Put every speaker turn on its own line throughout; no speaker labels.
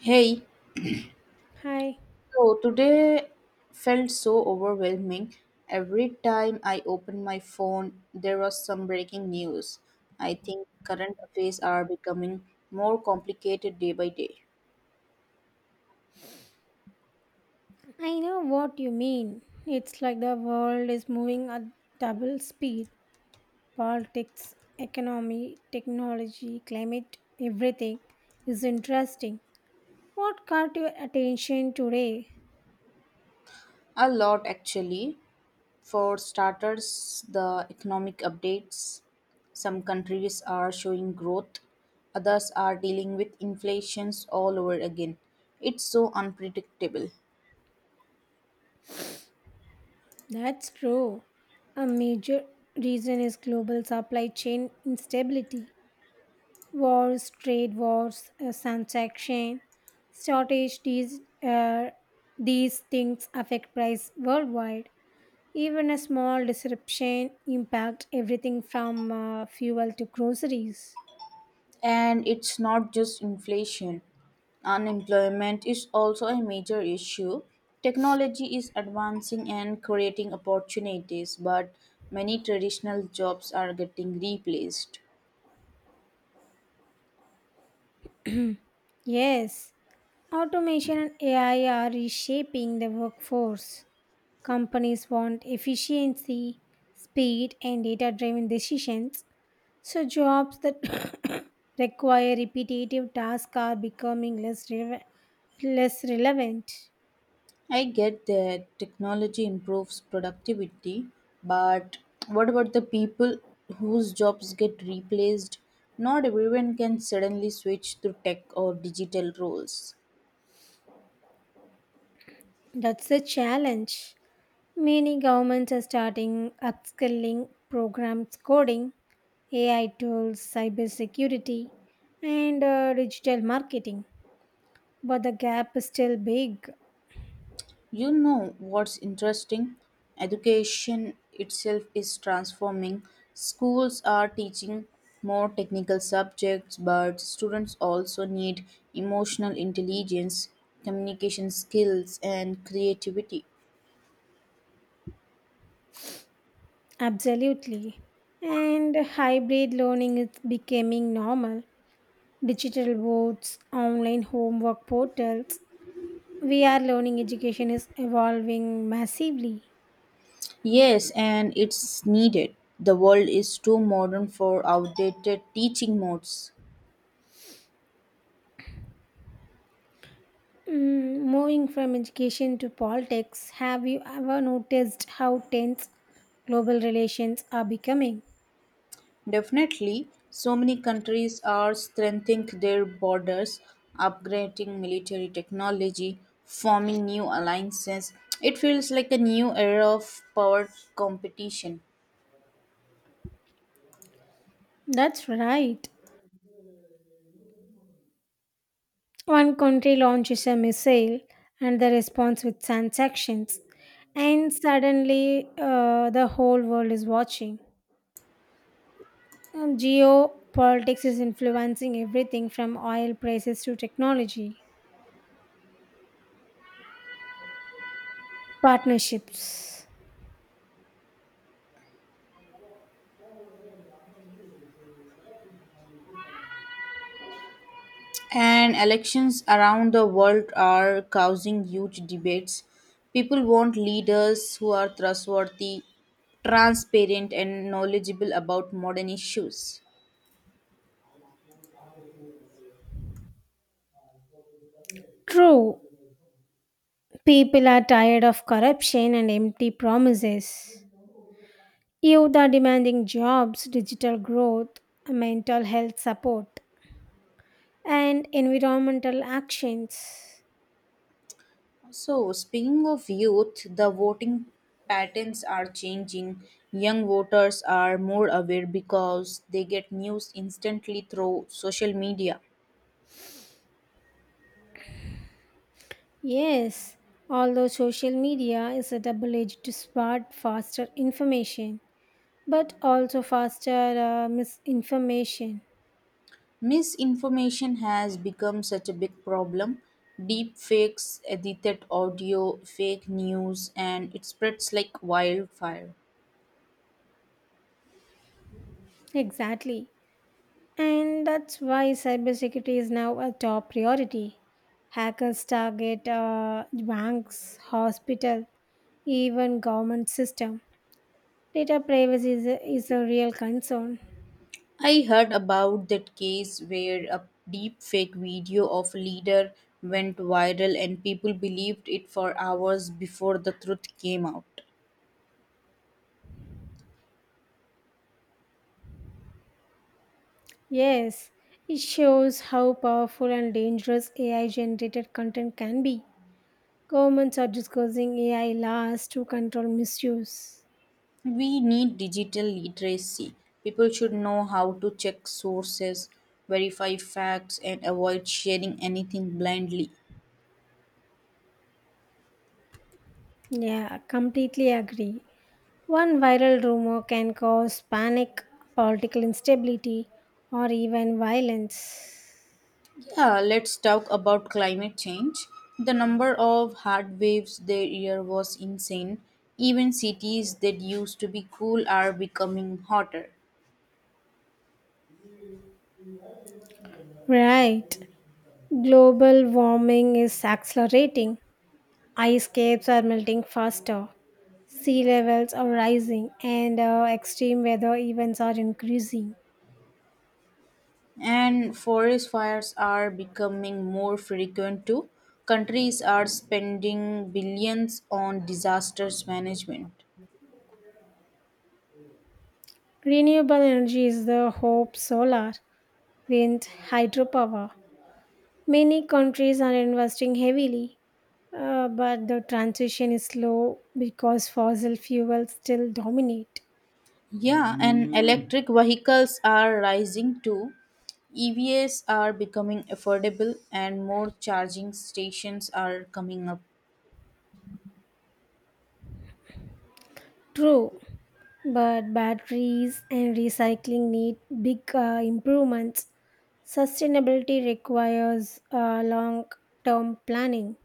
Hey,
Hi,
so today felt so overwhelming. Every time I opened my phone, there was some breaking news. I think current affairs are becoming more complicated day by day.
I know what you mean. It's like the world is moving at double speed. Politics, economy, technology, climate, everything is interesting. What caught your attention today?
A lot actually. For starters, the economic updates. Some countries are showing growth, others are dealing with inflations all over again. It's so unpredictable.
That's true. A major reason is global supply chain instability. Wars, trade wars, transaction, shortage, these things affect price worldwide. Even a small disruption impacts everything from fuel to groceries.
And it's not just inflation. Unemployment is also a major issue. Technology is advancing and creating opportunities, but many traditional jobs are getting replaced.
Yes, automation and AI are reshaping the workforce. Companies want efficiency, speed, and data driven decisions. So, jobs that require repetitive tasks are becoming less relevant.
I get that technology improves productivity, but what about the people whose jobs get replaced? Not everyone can suddenly switch to tech or digital roles.
That's a challenge. Many governments are starting upskilling programs coding AI tools, cybersecurity, and digital marketing. But the gap is still big,
You know what's interesting? Education itself is transforming. Schools are teaching more technical subjects, but students also need emotional intelligence, communication skills, and creativity.
absolutely. And hybrid learning is becoming normal. Digital boards, online homework portals, VR learning education is evolving massively.
Yes, and it's needed. The world is too modern for outdated teaching modes.
Moving from education to politics, have you ever noticed how tense global relations are becoming?
Definitely, so many countries are strengthening their borders, upgrading military technology, forming new alliances. It feels like a new era of power competition.
That's right. One country launches a missile and the response with sanctions, and suddenly the whole world is watching. Geopolitics is influencing everything from oil prices to technology partnerships.
And elections around the world are causing huge debates. People want leaders who are trustworthy, transparent, and knowledgeable about modern issues.
True, people are tired of corruption and empty promises. Youth are demanding jobs, digital growth, mental health support, and environmental actions.
So, speaking of youth, the voting patterns are changing. Young voters are more aware because they get news instantly through social media.
Yes, although social media is a double edged sword, faster information, but also faster misinformation.
Misinformation has become such a big problem. Deep fakes, edited audio, fake news, and it spreads like wildfire.
Exactly. And that's why cybersecurity is now a top priority. Hackers target banks, hospital, even government system. Data privacy is a real concern.
I heard about that case where a deepfake video of a leader went viral and people believed it for hours before the truth came out.
Yes, it shows how powerful and dangerous AI generated content can be. Governments are discussing AI laws to control misuse.
We need digital literacy. People should know how to check sources, verify facts, and avoid sharing anything blindly.
Yeah, completely agree. One viral rumor can cause panic, political instability, or even violence.
Yeah, let's talk about climate change. The number of hard waves there year was insane. Even cities that used to be cool are becoming hotter.
Right. Global warming is accelerating. Ice caps are melting faster. Sea levels are rising, and extreme weather events are increasing.
And forest fires are becoming more frequent too. Countries are spending billions on disasters management.
Renewable energy is the hope solar, wind, hydropower. Many countries are investing heavily, but the transition is slow because fossil fuels still dominate.
Yeah, and electric vehicles are rising too. EVs are becoming affordable and more charging stations are coming up.
True, but batteries and recycling need big improvements. Sustainability requires long term planning.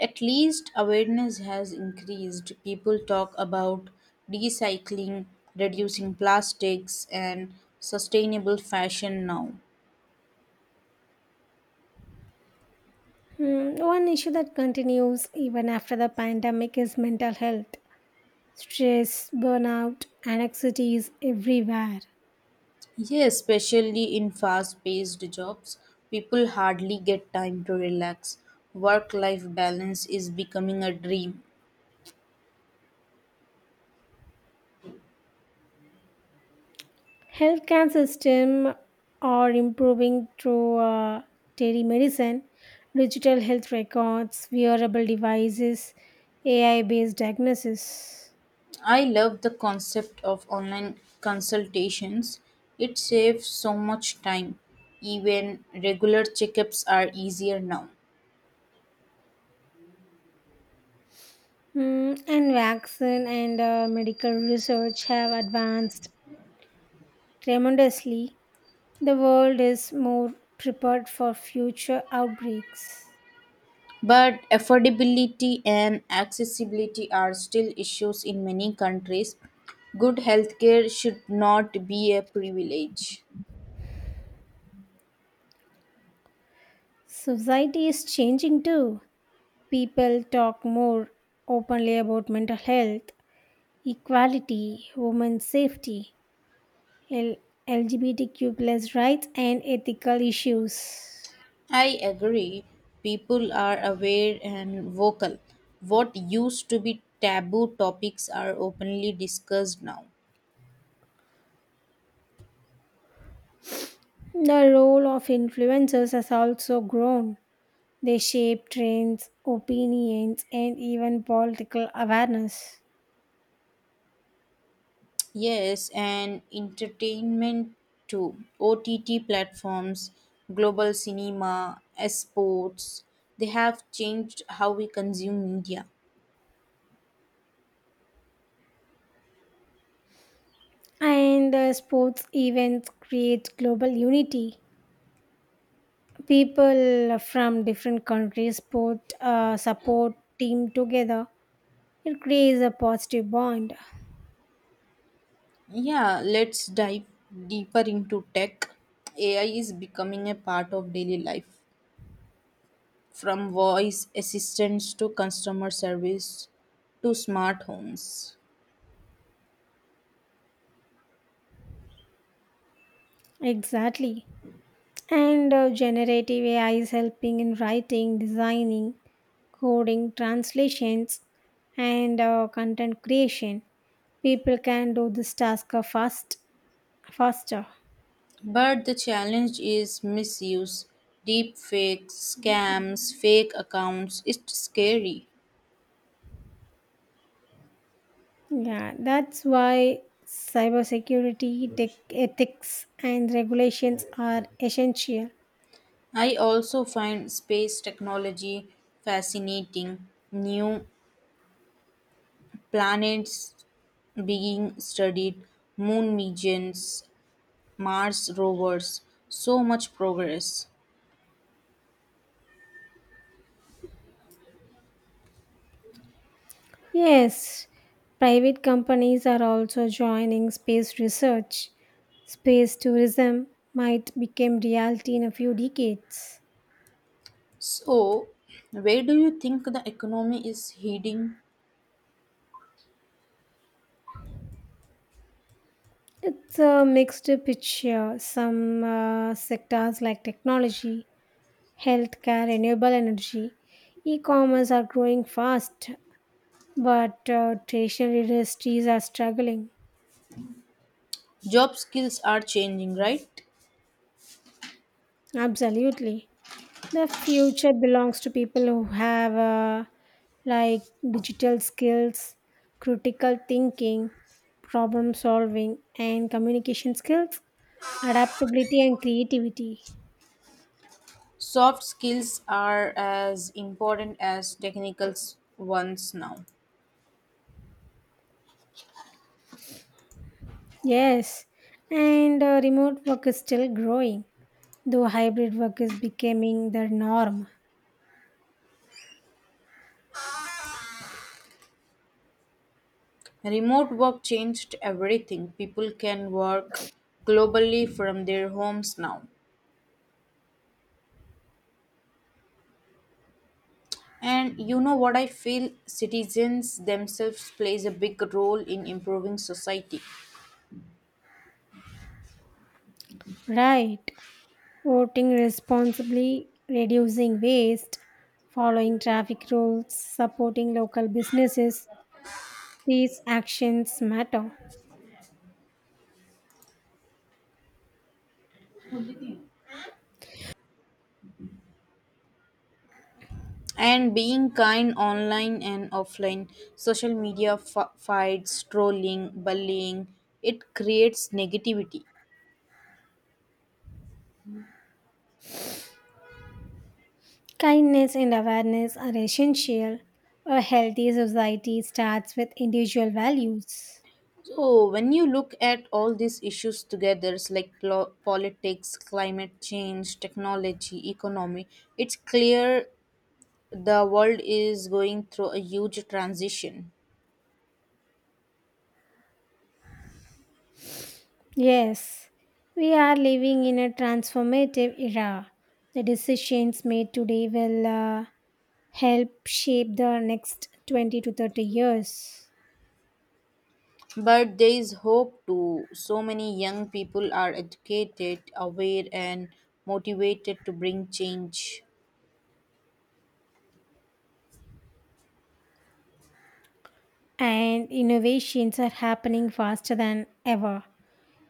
At least awareness has increased. People talk about recycling, reducing plastics, and sustainable fashion now.
One issue that continues even after the pandemic is mental health. Stress, burnout, anxiety is everywhere.
Yeah, especially in fast paced jobs, people hardly get time to relax. Work life balance is becoming a dream.
Healthcare system are improving through telemedicine, digital health records, wearable devices, AI-based diagnosis,
I love the concept of online consultations, it saves so much time. Even regular checkups are easier now.
And vaccine and medical research have advanced tremendously. The world is more prepared for future outbreaks.
But affordability and accessibility are still issues in many countries. Good healthcare should not be a privilege.
Society is changing too. People talk more openly about mental health equality, women's safety, L- LGBTQ plus rights, and ethical issues.
I agree. People are aware and vocal. What used to be taboo topics are openly discussed now.
The role of influencers has also grown. They shape trends, opinions, and even political awareness.
Yes, and entertainment too. OTT platforms, global cinema, sports, they have changed how we consume media.
And sports events create global unity. People from different countries support team together. It creates a positive bond.
Yeah, let's dive deeper into tech. AI is becoming a part of daily life. From voice assistants to customer service to smart homes.
Exactly. And generative AI is helping in writing, designing, coding, translations, and content creation. People can do this task faster.
But the challenge is misuse, deep fakes, scams, fake accounts. It's scary.
Yeah, that's why cybersecurity, tech ethics, and regulations are essential.
I also find space technology fascinating. New planets being studied, moon missions, Mars rovers, so much progress.
Yes, private companies are also joining space research. Space tourism might become reality in a few decades.
So, where do you think the economy is heading?
It's a mixed picture. Some sectors like technology, healthcare, renewable energy, e commerce are growing fast, but traditional industries are struggling.
Job skills are changing, right?
Absolutely. The future belongs to people who have like digital skills, critical thinking, problem solving, and communication skills, adaptability, and creativity.
Soft skills are as important as technical ones now.
Yes, and remote work is still growing, though hybrid work is becoming the norm.
Remote work changed everything. People can work globally from their homes now. And you know what I feel citizens themselves plays a big role in improving society.
Right. Voting responsibly, reducing waste, following traffic rules, supporting local businesses. These actions matter.
And being kind online and offline, social media fights, trolling, bullying, it creates negativity.
Kindness and awareness are essential. A healthy society starts with individual values.
So, when you look at all these issues together, it's like politics, climate change, technology, economy, it's clear the world is going through a huge transition.
Yes, we are living in a transformative era. The decisions made today will help shape the next 20 to 30 years.
But there is hope too. So many young people are educated, aware, and motivated to bring change.
And innovations are happening faster than ever.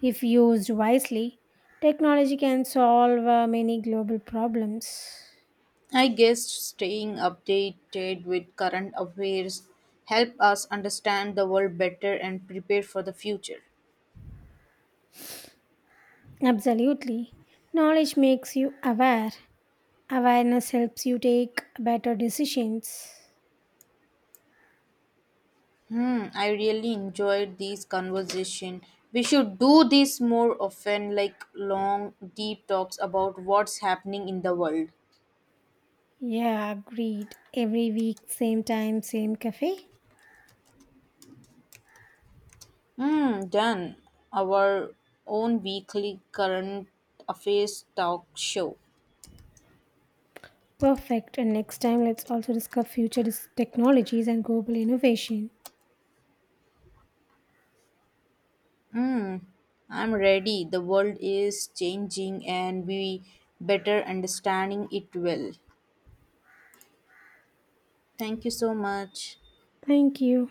If used wisely, technology can solve many global problems.
I guess staying updated with current affairs help us understand the world better and prepare for the future.
Absolutely. Knowledge makes you aware, awareness helps you take better decisions.
I really enjoyed this conversation. We should do this more often, like long, deep talks about what's happening in the world.
Yeah, agreed. Every week, same time, same cafe.
Done. Our own weekly current affairs talk show.
Perfect. And next time, let's also discuss future technologies and global innovation.
I'm ready. The world is changing and we better understanding it well. Thank you so much.
Thank you.